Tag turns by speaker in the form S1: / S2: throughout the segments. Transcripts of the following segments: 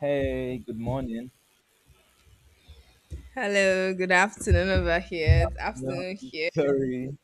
S1: Hey, good morning.
S2: Hello, good afternoon over here. It's
S1: Yeah,
S2: afternoon here.
S1: sorry.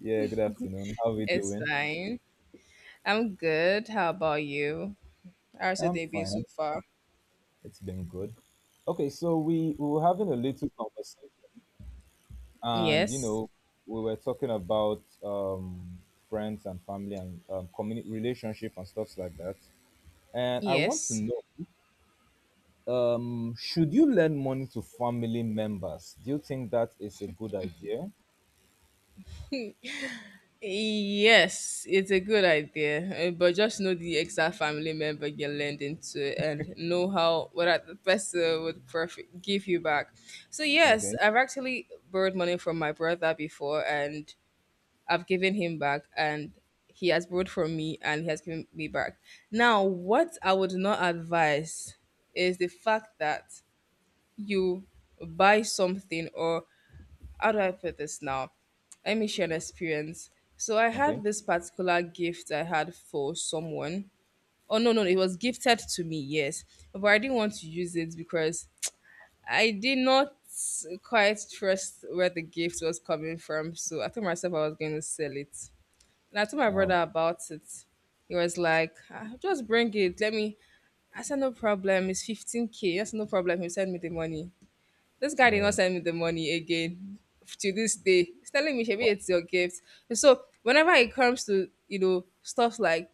S1: Yeah, good afternoon. How are we
S2: It's
S1: doing?
S2: fine. I'm good. How about you? How's your
S1: I'm
S2: day been so
S1: fine.
S2: far?
S1: It's been good. Okay, so we were having a little conversation, and
S2: Yes.
S1: we were talking about friends and family and community relationship and stuff like that. And I want to
S2: Yes.
S1: know, should you lend money to family members? Do you think that is a good idea?
S2: Yes, it's a good idea, but just know the exact family member you're lending to and know how what the person would perfect give you back. So yes,
S1: Okay.
S2: I've actually borrowed money from my brother before, and I've given him back and he has borrowed from me and he has given me back. Now, what I would not advise is the fact that you buy something, or how do I put this now? Let me share an experience. So I
S1: Okay.
S2: had this particular gift I had for someone. Oh no, no, it was gifted to me, yes. But I didn't want to use it because I did not quite trust where the gift was coming from. So I told myself I was going to sell it. And I told my
S1: Um,
S2: brother about it. He was like, "Ah, just bring it. Let me." I said, no problem, it's 15K. Yes, no problem, he'll send me the money. This guy did
S1: yeah.
S2: not send me the money again to this day. He's telling me, Shebi,
S1: Quite.
S2: it's your gift. And so whenever it comes to stuff like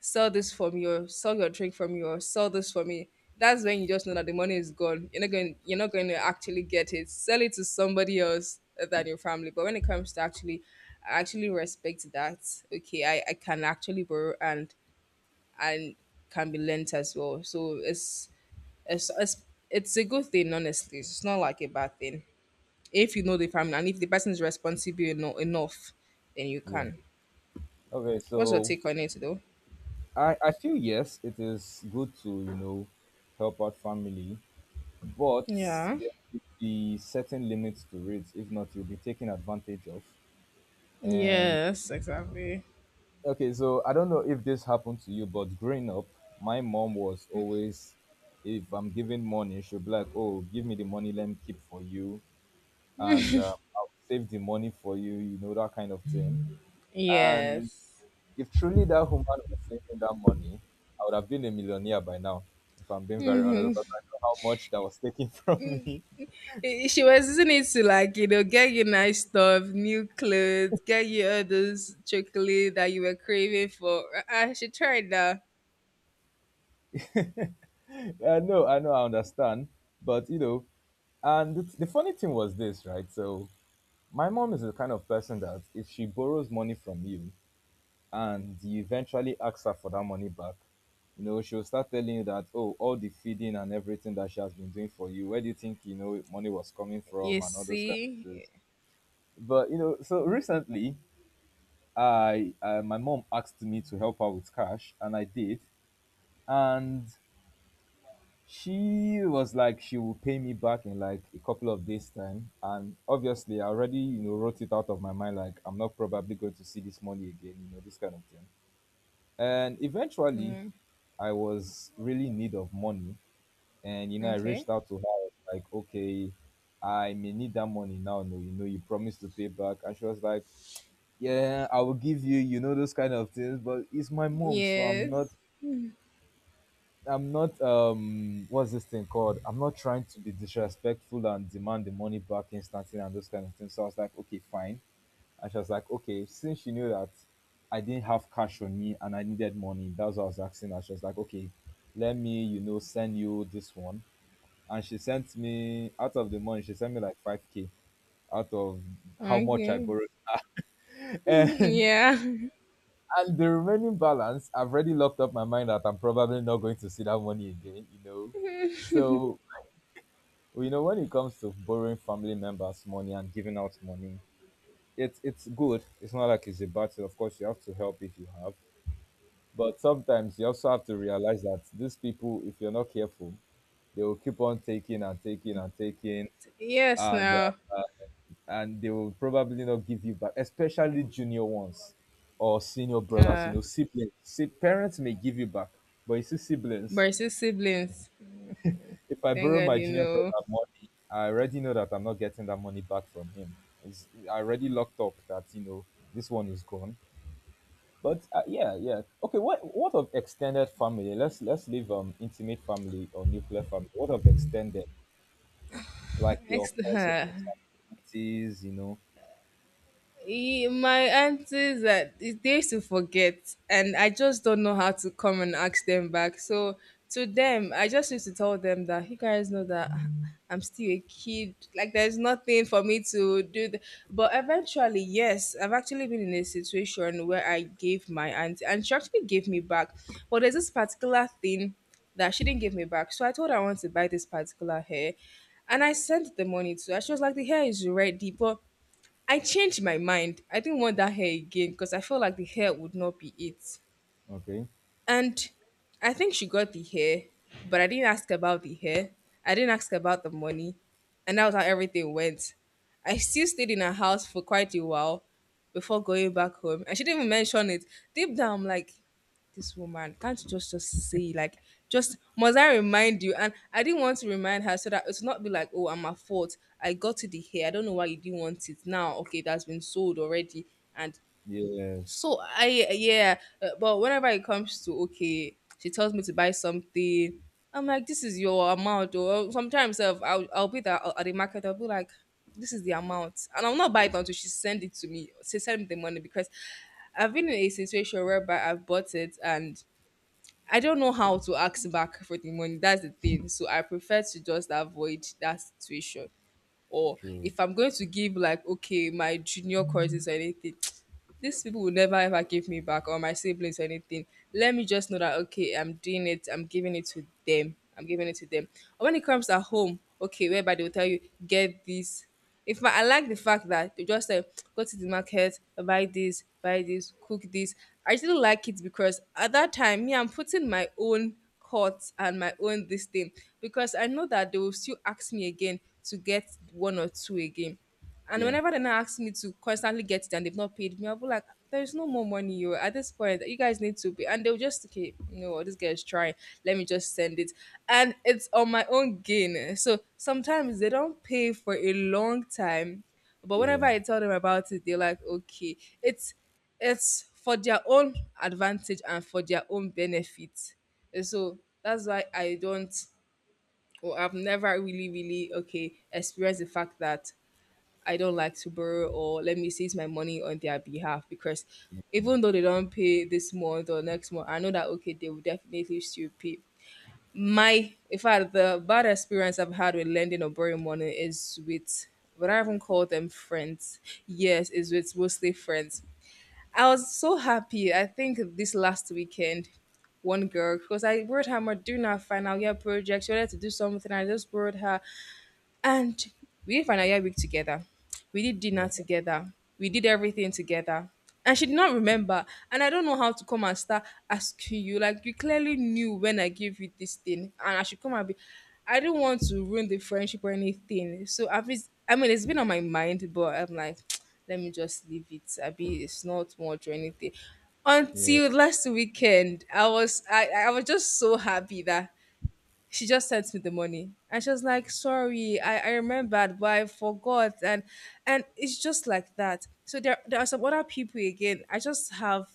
S2: sell this for me, or sell your drink for me, or sell this for me, that's when you just know that the money is gone. You're not going to actually get it. Sell it to somebody else than your family. But when it comes to actually, I actually respect that. Okay, I can actually borrow, and and can be lent as well. So it's it's it's a good thing, honestly. It's not like a bad thing if you know the family and if the person is responsible enough, then you
S1: Yeah.
S2: can.
S1: Okay.
S2: What's your
S1: So
S2: take on it though?
S1: I feel yes, it is good to, help out family, but
S2: Yeah.
S1: there should be certain limits to it. If not, you'll be taken advantage of. And
S2: Yes, exactly.
S1: okay, so I don't know if this happened to you, but growing up, my mom was always, if I'm giving money, she'll be like, oh, give me the money, let me keep for you. And I'll save the money for you, that kind of thing. And
S2: Yes.
S1: if truly that woman was saving that money, I would have been a millionaire by now. If I'm being very honest, because I know how much that was taken from me.
S2: She was using it to, like get you nice stuff, new clothes, get you all those chocolate that you were craving for. I should try that.
S1: I know, I know, I understand, but and the funny thing was this, right? So my mom is the kind of person that if she borrows money from you and you eventually ask her for that money back, she'll start telling you that, oh, all the feeding and everything that she has been doing for you, where do you think, money was coming from
S2: You
S1: and all those kind of
S2: see?
S1: things. But, so recently I my mom asked me to help her with cash, and I did. And she was like, she will pay me back in like a couple of days' time. And obviously, I already wrote it out of my mind, like I'm not probably going to see this money again, this kind of thing. And eventually,
S2: Mm,
S1: I was really in need of money, and I reached
S2: okay.
S1: out to her. I was like, okay, I may need that money now. No, you promised to pay back, and she was like, yeah, I will give you, you know those kind of things, but it's my mom, so i'm not
S2: Yes.
S1: i'm not what's this thing called? I'm not trying to be disrespectful and demand the money back instantly and those kind of things. So I was like, okay, fine. And she was like, okay, since she knew that I didn't have cash on me and I needed money, that's what I was asking her. She was like, okay, let me send you this one. And she sent me out of the money, she sent me like 5k out of how much I
S2: Okay.
S1: borrowed.
S2: yeah.
S1: And the remaining balance, I've already locked up my mind that I'm probably not going to see that money again, So, when it comes to borrowing family members' money and giving out money, it's good. It's not like it's a battle. Of course, you have to help if you have, but sometimes you also have to realize that these people, if you're not careful, they will keep on taking and taking and taking,
S2: yes,
S1: and
S2: now.
S1: uh, and they will probably not give you back, especially junior ones or senior brothers,
S2: Uh,
S1: siblings. See, parents may give you back, but you see, siblings,
S2: Versus siblings.
S1: if I
S2: Thank
S1: borrow
S2: God,
S1: my
S2: you
S1: junior brother
S2: know.
S1: money, I already know that I'm not getting that money back from him. It's, I already locked up that, this one is gone. But yeah, yeah. Okay, what of extended family? Let's leave intimate family or nuclear family. What of extended? Like your
S2: Next,
S1: cousins and aunties,
S2: My aunties that they used to forget, and I just don't know how to come and ask them back. So to them, I just used to tell them that you guys know that I'm still a kid, like there's nothing for me to do. But eventually, yes, I've actually been in a situation where I gave my auntie, and she actually gave me back. But there's this particular thing that she didn't give me back. So I told her I want to buy this particular hair, and I sent the money to her. She was like, the hair is ready, but I changed my mind. I didn't want that hair again because I felt like the hair would not be it.
S1: Okay.
S2: And I think she got the hair, but I didn't ask about the hair. I didn't ask about the money. And that was how everything went. I still stayed in her house for quite a while before going back home. And she didn't even mention it. Deep down, I'm like, this woman, can't you just say, like, just must I remind you? And I didn't want to remind her so that it's not be like, oh, I'm at fault. I got to the hair, I don't know why you didn't want it now, okay, that's been sold already. And
S1: Yes,
S2: so I, yeah, but whenever it comes to, okay, she tells me to buy something, I'm like, this is your amount. Or sometimes I'll be there at the market. I'll be like, this is the amount, and I'll not buy it until she send it to me, she send me the money, because I've been in a situation whereby I've bought it and I don't know how to ask back for the money. That's the thing. So I prefer to just avoid that situation. Or
S1: true.
S2: if I'm going to give, like, okay, my junior courses or anything, these people will never ever give me back, or my siblings or anything. Let me just know that, okay, I'm doing it, I'm giving it to them. I'm giving it to them. And when it comes at home, okay, whereby they will tell you, get this. In fact, I like the fact that they just say, go to the market, buy this, cook this. I still like it, because at that time, me, I'm putting my own cut and my own this thing, because I know that they will still ask me again to get one or two again. And
S1: Yeah,
S2: whenever they're not asking me to constantly get it and they've not paid me, I'll be like, there's no more money, you, at this point, you guys need to pay. And they'll just, okay, you know what, this girl is trying, let me just send it. And it's on my own gain. So sometimes they don't pay for a long time. But whenever
S1: yeah,
S2: I tell them about it, they're like, okay. It's for their own advantage and for their own benefit. And so that's why I don't, or I've never really, really, okay, experienced the fact that I don't like to borrow, or let me seize my money on their behalf, because even though they don't pay this month or next month, I know that, okay, they will definitely still pay. My In fact, the bad experience I've had with lending or borrowing money is with, but I haven't called them friends. Yes, it's with mostly friends. I was so happy. I think this last weekend, one girl, because I borrowed her my during our final year project. She wanted to do something, I just borrowed her. And we did final year week together. We did
S1: yeah,
S2: dinner together. We did everything together. And she did not remember. And I don't know how to come and start asking you, like, you clearly knew when I gave you this thing, and I should come and be I don't want to ruin the friendship or anything. So I mean, it's been on my mind, but I'm like, let me just leave it, I be it's not much or anything.
S1: yeah.
S2: Until last weekend, I was just so happy that she just sent me the money, and she was like, sorry, I remembered, but I forgot. And it's just like that. So there are some other people again, I just have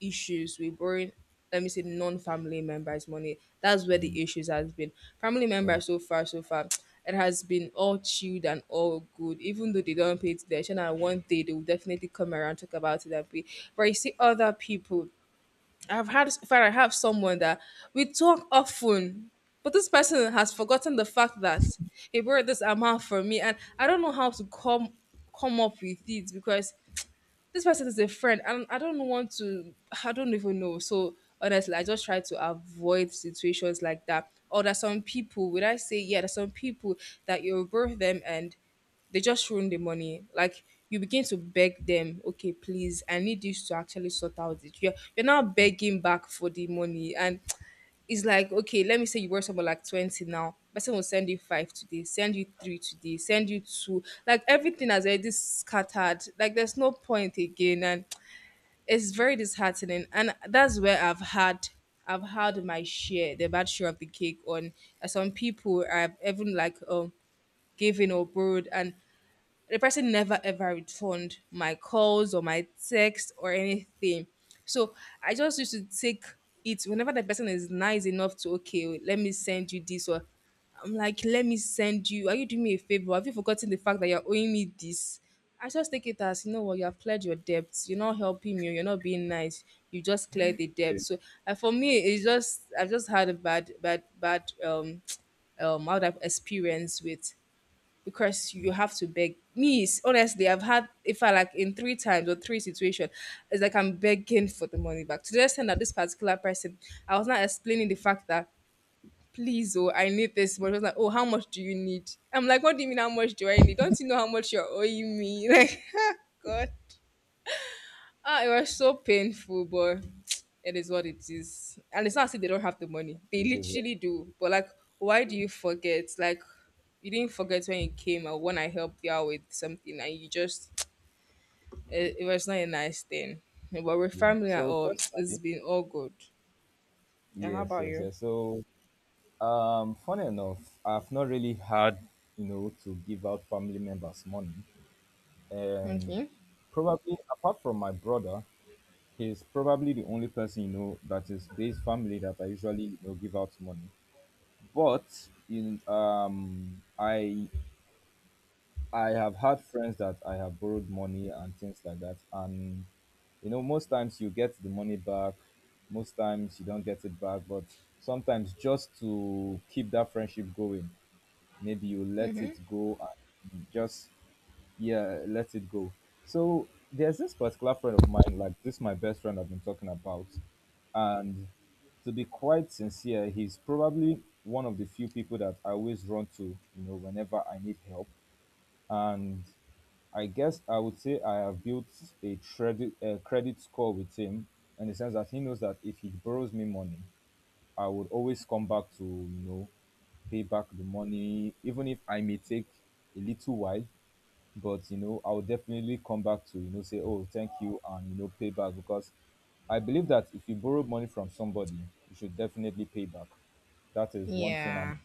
S2: issues with borrowing, let me say, non-family members money. That's where
S1: Mm.
S2: the issues has been. Family
S1: True.
S2: members, so far, so far it has been all chilled and all good, even though they don't pay attention, and one day they will definitely come around, talk about it and pay. But you see, other people, I've had, in fact, I have someone that we talk often, but this person has forgotten the fact that he brought this amount for me, and I don't know how to come up with it, because this person is a friend and I don't want to, I don't even know. So honestly, I just try to avoid situations like that. Or there's some people, would I say, yeah, there's some people that you birth them and they just ruin the money. Like, you begin to beg them, okay, please, I need this to actually sort out it. You're now begging back for the money. And it's like, okay, let me say you were someone, like, 20, now person will send you five today, send you three today, send you two, like everything has already scattered, like there's no point again. And it's very disheartening, and that's where I've had my share, the bad share of the cake. On Some people I've even, like, given or borrowed, and the person never ever returned my calls or my text or anything. So I just used to take it whenever the person is nice enough to, okay, let me send you this, or I'm like, let me send you. Are you doing me a favor? Have you forgotten the fact that you're owing me this? I just take it as, you know what, you have cleared your debts. You're not helping me, you're not being nice, you just cleared the debt.
S1: It,
S2: So for me, it's just, I've just had a bad, bad, bad out of experience with, because you have to beg. Me, honestly, I've had, if I, like, in three times or three situations, it's like I'm begging for the money back. To the extent that this particular person, I was not explaining the fact that, please, oh, I need this much. I was like, oh, how much do you need? I'm like, what do you mean, how much do I need? Don't you know how much you're owing me? Like, God. Ah, it was so painful, but it is what it is. And it's not as if they don't have the money. They
S1: it is.
S2: literally do. But like, why do you forget? Like, you didn't forget when you came or when I helped you out with something, and you just it was not a nice thing. But we're
S1: Yeah.
S2: family at
S1: So
S2: all, it's
S1: personally,
S2: been all good. Yeah, how
S1: yes,
S2: about
S1: yes,
S2: you?
S1: yes. So, funny enough, I've not really had, to give out family members money, and
S2: Okay.
S1: probably apart from my brother, he's probably the only person that is based family that I usually give out money. But in I have had friends that I have borrowed money and things like that. And, most times you get the money back, most times you don't get it back. But sometimes just to keep that friendship going, maybe you let it go and just, yeah, let it go. So there's this particular friend of mine, like this, my best friend I've been talking about. And to be quite sincere, he's probably one of the few people that I always run to, whenever I need help, and I guess I would say I have built a credit score with him, in the sense that he knows that if he borrows me money, I would always come back to pay back the money, even if I may take a little while, but I'll definitely come back to, say, oh, thank you, and pay back. Because I believe that if you borrow money from somebody, you should definitely pay back. That is one thing I'm,
S2: Yeah.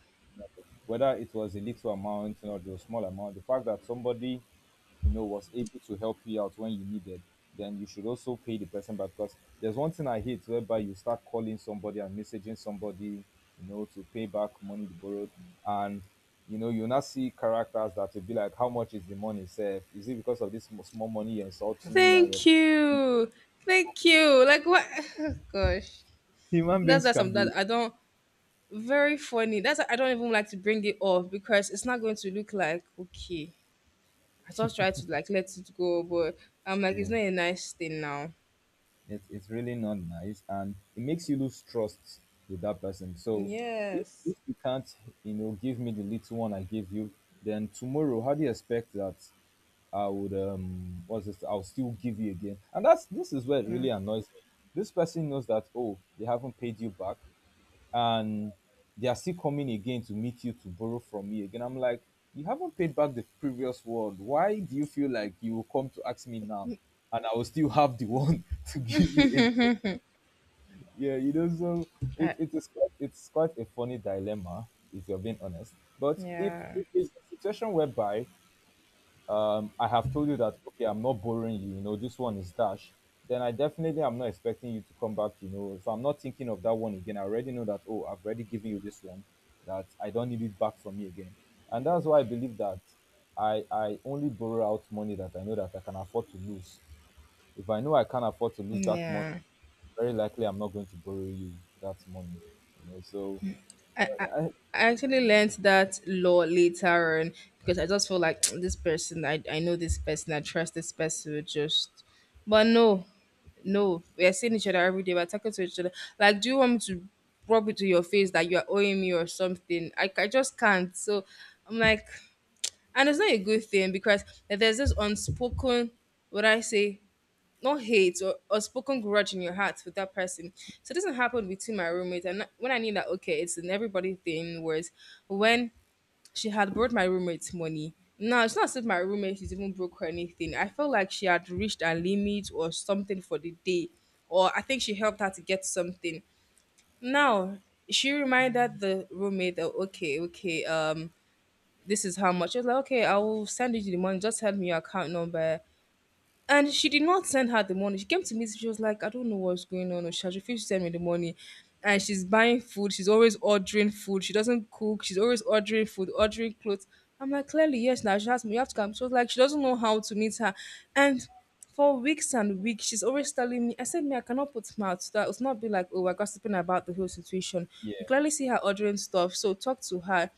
S1: whether it was a little amount or it was a small amount, the fact that somebody, was able to help you out when you needed, then you should also pay the person back. Because there's one thing I hate whereby you start calling somebody and messaging somebody, to pay back money they borrowed. And, you now see characters that will be like, how much is the money, sir? Is it because of this sm- small money you're insulting me? And your
S2: Thank you, thank you. Like what? Gosh,
S1: human
S2: that's
S1: beings
S2: just
S1: can
S2: something
S1: be.
S2: that I don't. Very funny. That's why I don't even like to bring it up because it's not going to look like okay. I just try to like let it go, but I'm like it's
S1: Yeah.
S2: not a nice thing now.
S1: It's really not nice, and it makes you lose trust with that person. So if
S2: Yes.
S1: if you can't, give me the little one I gave you, then tomorrow, how do you expect that I would what's this? I'll still give you again. And that's this is where it
S2: Yeah.
S1: really annoys me. This person knows that oh, they haven't paid you back and they are still coming again to meet you to borrow from me again. I'm like, you haven't paid back the previous one. Why do you feel like you will come to ask me now, and I will still have the one to give you again? Yeah, so it,
S2: I,
S1: it is quite, it's quite a funny dilemma if you're being honest. But if,
S2: yeah.
S1: if it's a situation whereby I have told you that okay, I'm not boring you. This one is dash. Then I definitely am not expecting you to come back. If I'm not thinking of that one again, I already know that oh, I've already given you this one, that I don't need it back from me again. And that's why I believe that I only borrow out money that I know that I can afford to lose. If I know I can't afford to lose that money,
S2: Yeah.
S1: very likely I'm not going to borrow you that money. So
S2: I, I
S1: I,
S2: I actually learned that law later on because I just feel like this person, I know this person, I trust this person, we just. But no, no, we are seeing each other every day, we're talking to each other. Like, do you want me to rub it to your face that you are owing me or something? I just can't. So I'm like, and it's not a good thing because there's this unspoken, what I say, not hate or spoken grudge in your heart with that person. So this happened between my roommate and when I knew that okay, it's an everybody thing was when she had brought my roommate's money. Now it's not as if my roommate is even broke or anything. I felt like she had reached her limit or something for the day. Or I think she helped her to get something. Now she reminded the roommate that okay, okay, this is how much. She was like, okay, I will send you the money. Just send me your account number and she did not send her the money. She came to me, she was like, I don't know what's going on. Or she has refused to send me the money. And she's buying food. She's always ordering food. She doesn't cook. She's always ordering food, ordering clothes. I'm like, clearly, yes, now she has me. You have to come. She was like, she doesn't know how to meet her. And for weeks and weeks, she's always telling me, I said, me, I cannot put mouth to that. It's not be like, oh, we're gossiping about the whole situation. You
S1: yeah,
S2: clearly see her ordering stuff. So talk to her.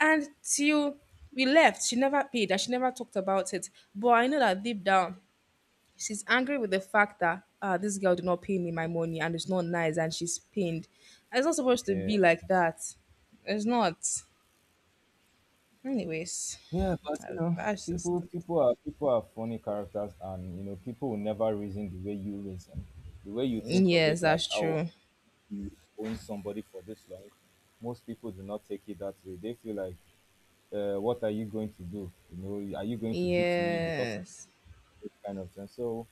S2: And till we left, she never paid and she never talked about it. But I know that deep down, she's angry with the fact that ah, this girl did not pay me my money and it's not nice and she's pained. It's not supposed to
S1: yeah.
S2: be like that. It's not. Anyways,
S1: Yeah, but
S2: that- that's just.
S1: people are funny characters, and people will never reason the way you reason, the way you think of
S2: Yes,
S1: it. Like
S2: that's
S1: how
S2: true.
S1: you own somebody for this long, most people do not take it that way. They feel like, what are you going to do? Are you going to beat me because I'm
S2: Yes.
S1: this kind of thing? So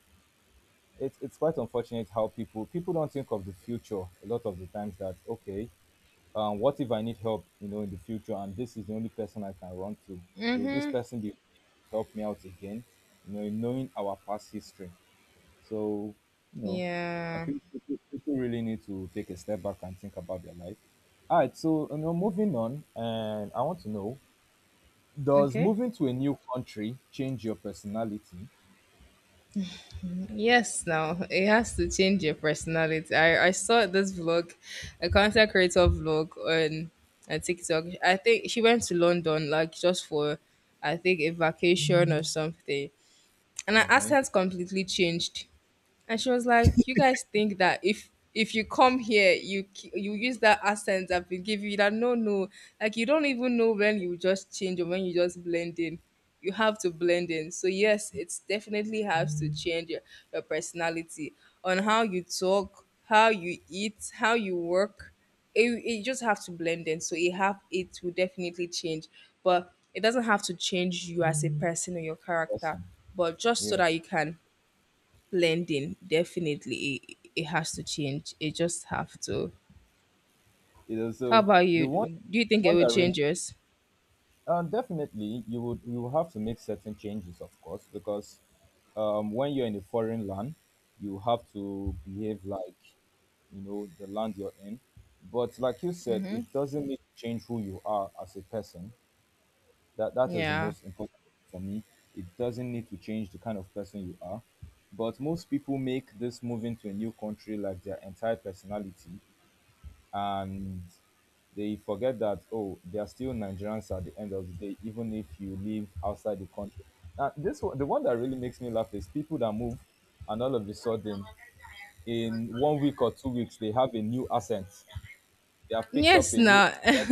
S1: it's quite unfortunate how people don't think of the future a lot of the times. That okay, what if I need help, in the future, and this is the only person I can run to? Will this
S2: Mm-hmm.
S1: person be help me out again? In knowing our past history. So, you know, I
S2: Yeah.
S1: think people really need to take a step back and think about their life. All right, so moving on, and I want to know: does
S2: Okay.
S1: moving to a new country change your personality?
S2: Yes, now it has to change your personality. I saw this vlog, a content creator vlog on TikTok. I think she went to London, like just for, I think, a vacation or something. And our
S1: Okay,
S2: accent completely changed, and she was like, you guys think that if you come here you ki- you use that accent I've been giving you, that no, no. Like, you don't even know when you just change or when you just blend in. You have to blend in. So yes, it's definitely has to change your personality, on how you talk, how you eat, how you work. It just have to blend in, so it have, it will definitely change, but it doesn't have to change you as a person or your character,
S1: person,
S2: but just so
S1: yeah,
S2: that you can blending, definitely, it has to change. It just have to.
S1: you know,
S2: How
S1: so
S2: about
S1: the
S2: you?
S1: one,
S2: Do you
S1: the
S2: think it
S1: one
S2: would
S1: that really—
S2: change yours?
S1: Definitely, you will have to make certain changes, of course, because when you're in a foreign land, you have to behave like the land you're in. But like you said, it doesn't need to change who you are as a person. That is the
S2: Yeah.
S1: most important for me. It doesn't need to change the kind of person you are. But most people make this moving to a new country like their entire personality, and they forget that oh, they are still Nigerians at the end of the day, even if you live outside the country. Now this one, the one that really makes me laugh is people that move and all of a sudden in 1 week or 2 weeks they have a new accent, they have picked up
S2: Yes,
S1: a new
S2: now.
S1: accent.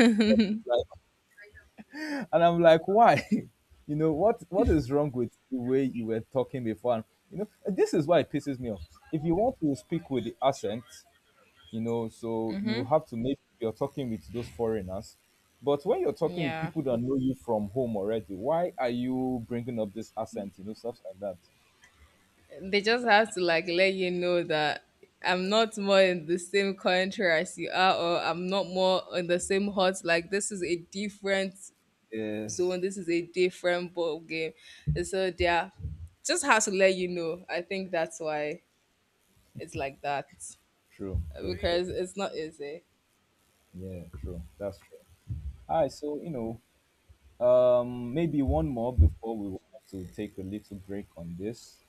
S1: And I'm like, why? What is wrong with the way you were talking before? And, this is why it pisses me off. If you want to speak with the accent, so you have to make sure you're talking with those foreigners, but when you're talking with
S2: Yeah.
S1: people that know you from home already, why are you bringing up this accent, stuff like that.
S2: They just have to like let you know that I'm not more in the same country as you are, or I'm not more in the same hut. Like this is a different
S1: Yes.
S2: zone. This is a different ball game. And so yeah, just has to let you know. I think that's why it's like that
S1: True, true, true.
S2: because it's not easy.
S1: Yeah, true, that's true. All right, so maybe one more before we will have to take a little break on this.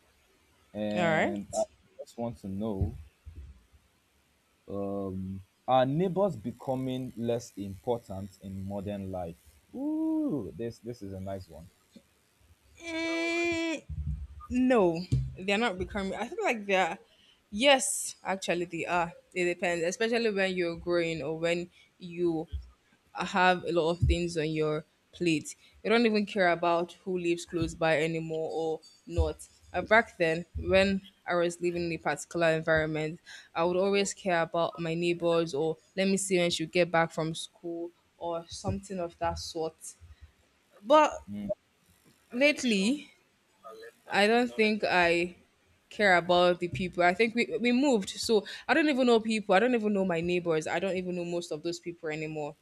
S2: All
S1: And I
S2: right.
S1: just want to know, are neighbors becoming less important in modern life? Ooh, this is a nice one.
S2: Mm, no, they're not becoming. I feel like they're, yes, actually they are. It depends, especially when you're growing or when you have a lot of things on your plate. You don't even care about who lives close by anymore or not. Back then, when I was living in a particular environment, I would always care about my neighbors or let me see when she would get back from school or something of that sort. But
S1: Hmm.
S2: lately, I don't think I care about the people. I think we moved, so I don't even know people. I don't even know my neighbors. I don't even know most of those people anymore.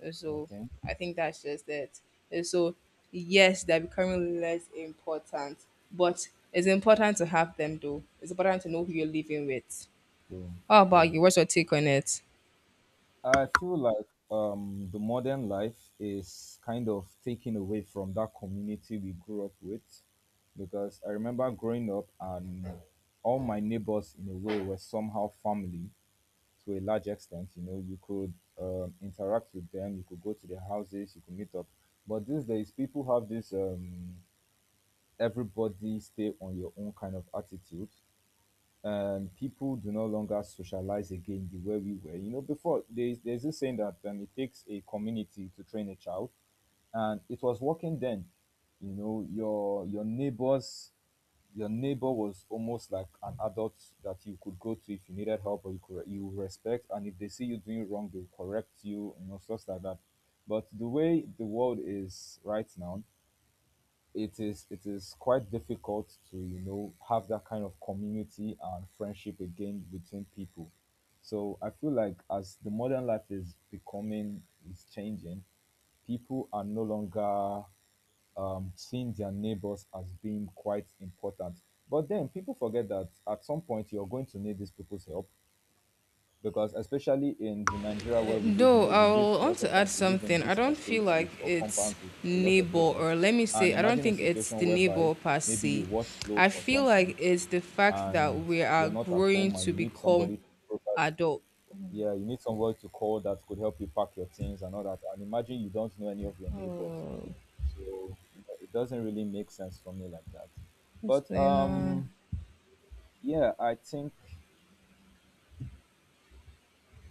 S2: And so
S1: Okay,
S2: I think that's just it. And so yes, they're becoming less important, but it's important to have them though. It's important to know who you're living with.
S1: true,
S2: How about
S1: true.
S2: you? What's your take on it?
S1: I feel like the modern life is kind of taken away from that community we grew up with, because I remember growing up, and all my neighbors, in a way, were somehow family to a large extent. You know, you could interact with them, you could go to their houses, you could meet up. But these days, people have this everybody stay on your own kind of attitude, and people do no longer socialize again the way we were. You know, before there's this saying that it takes a community to train a child, and it was working then. You know, your neighbors, your neighbor was almost like an adult that you could go to if you needed help, or you could, you respect, and if they see you doing wrong, they'll correct you, stuff like that. But the way the world is right now, it is quite difficult to have that kind of community and friendship again between people. So I feel like as the modern life is becoming, is changing, people are no longer seeing their neighbors as being quite important. But then people forget that at some point you're going to need these people's help, because especially in the Nigeria where we live,
S2: Though I will
S1: a
S2: want
S1: lot of
S2: to add
S1: times we live in
S2: something. I
S1: these
S2: don't feel
S1: estates
S2: like
S1: with or
S2: it's
S1: compounds with a lot of
S2: neighbor,
S1: neighbors.
S2: or let me
S1: And
S2: say, I don't
S1: imagine a
S2: think it's
S1: situation
S2: the
S1: whereby
S2: neighbor per
S1: maybe you
S2: se.
S1: wash clothes
S2: I
S1: or
S2: feel
S1: something
S2: like it's the fact that
S1: and
S2: we are
S1: you're not at
S2: growing
S1: home, and
S2: to
S1: you need
S2: become
S1: somebody to provide,
S2: adult.
S1: yeah, you need somebody to call that could help you pack your things and all that. And imagine you don't know any of your neighbors.
S2: Oh,
S1: So it doesn't really make sense for me like that.
S2: what's
S1: But
S2: going on?
S1: yeah, I think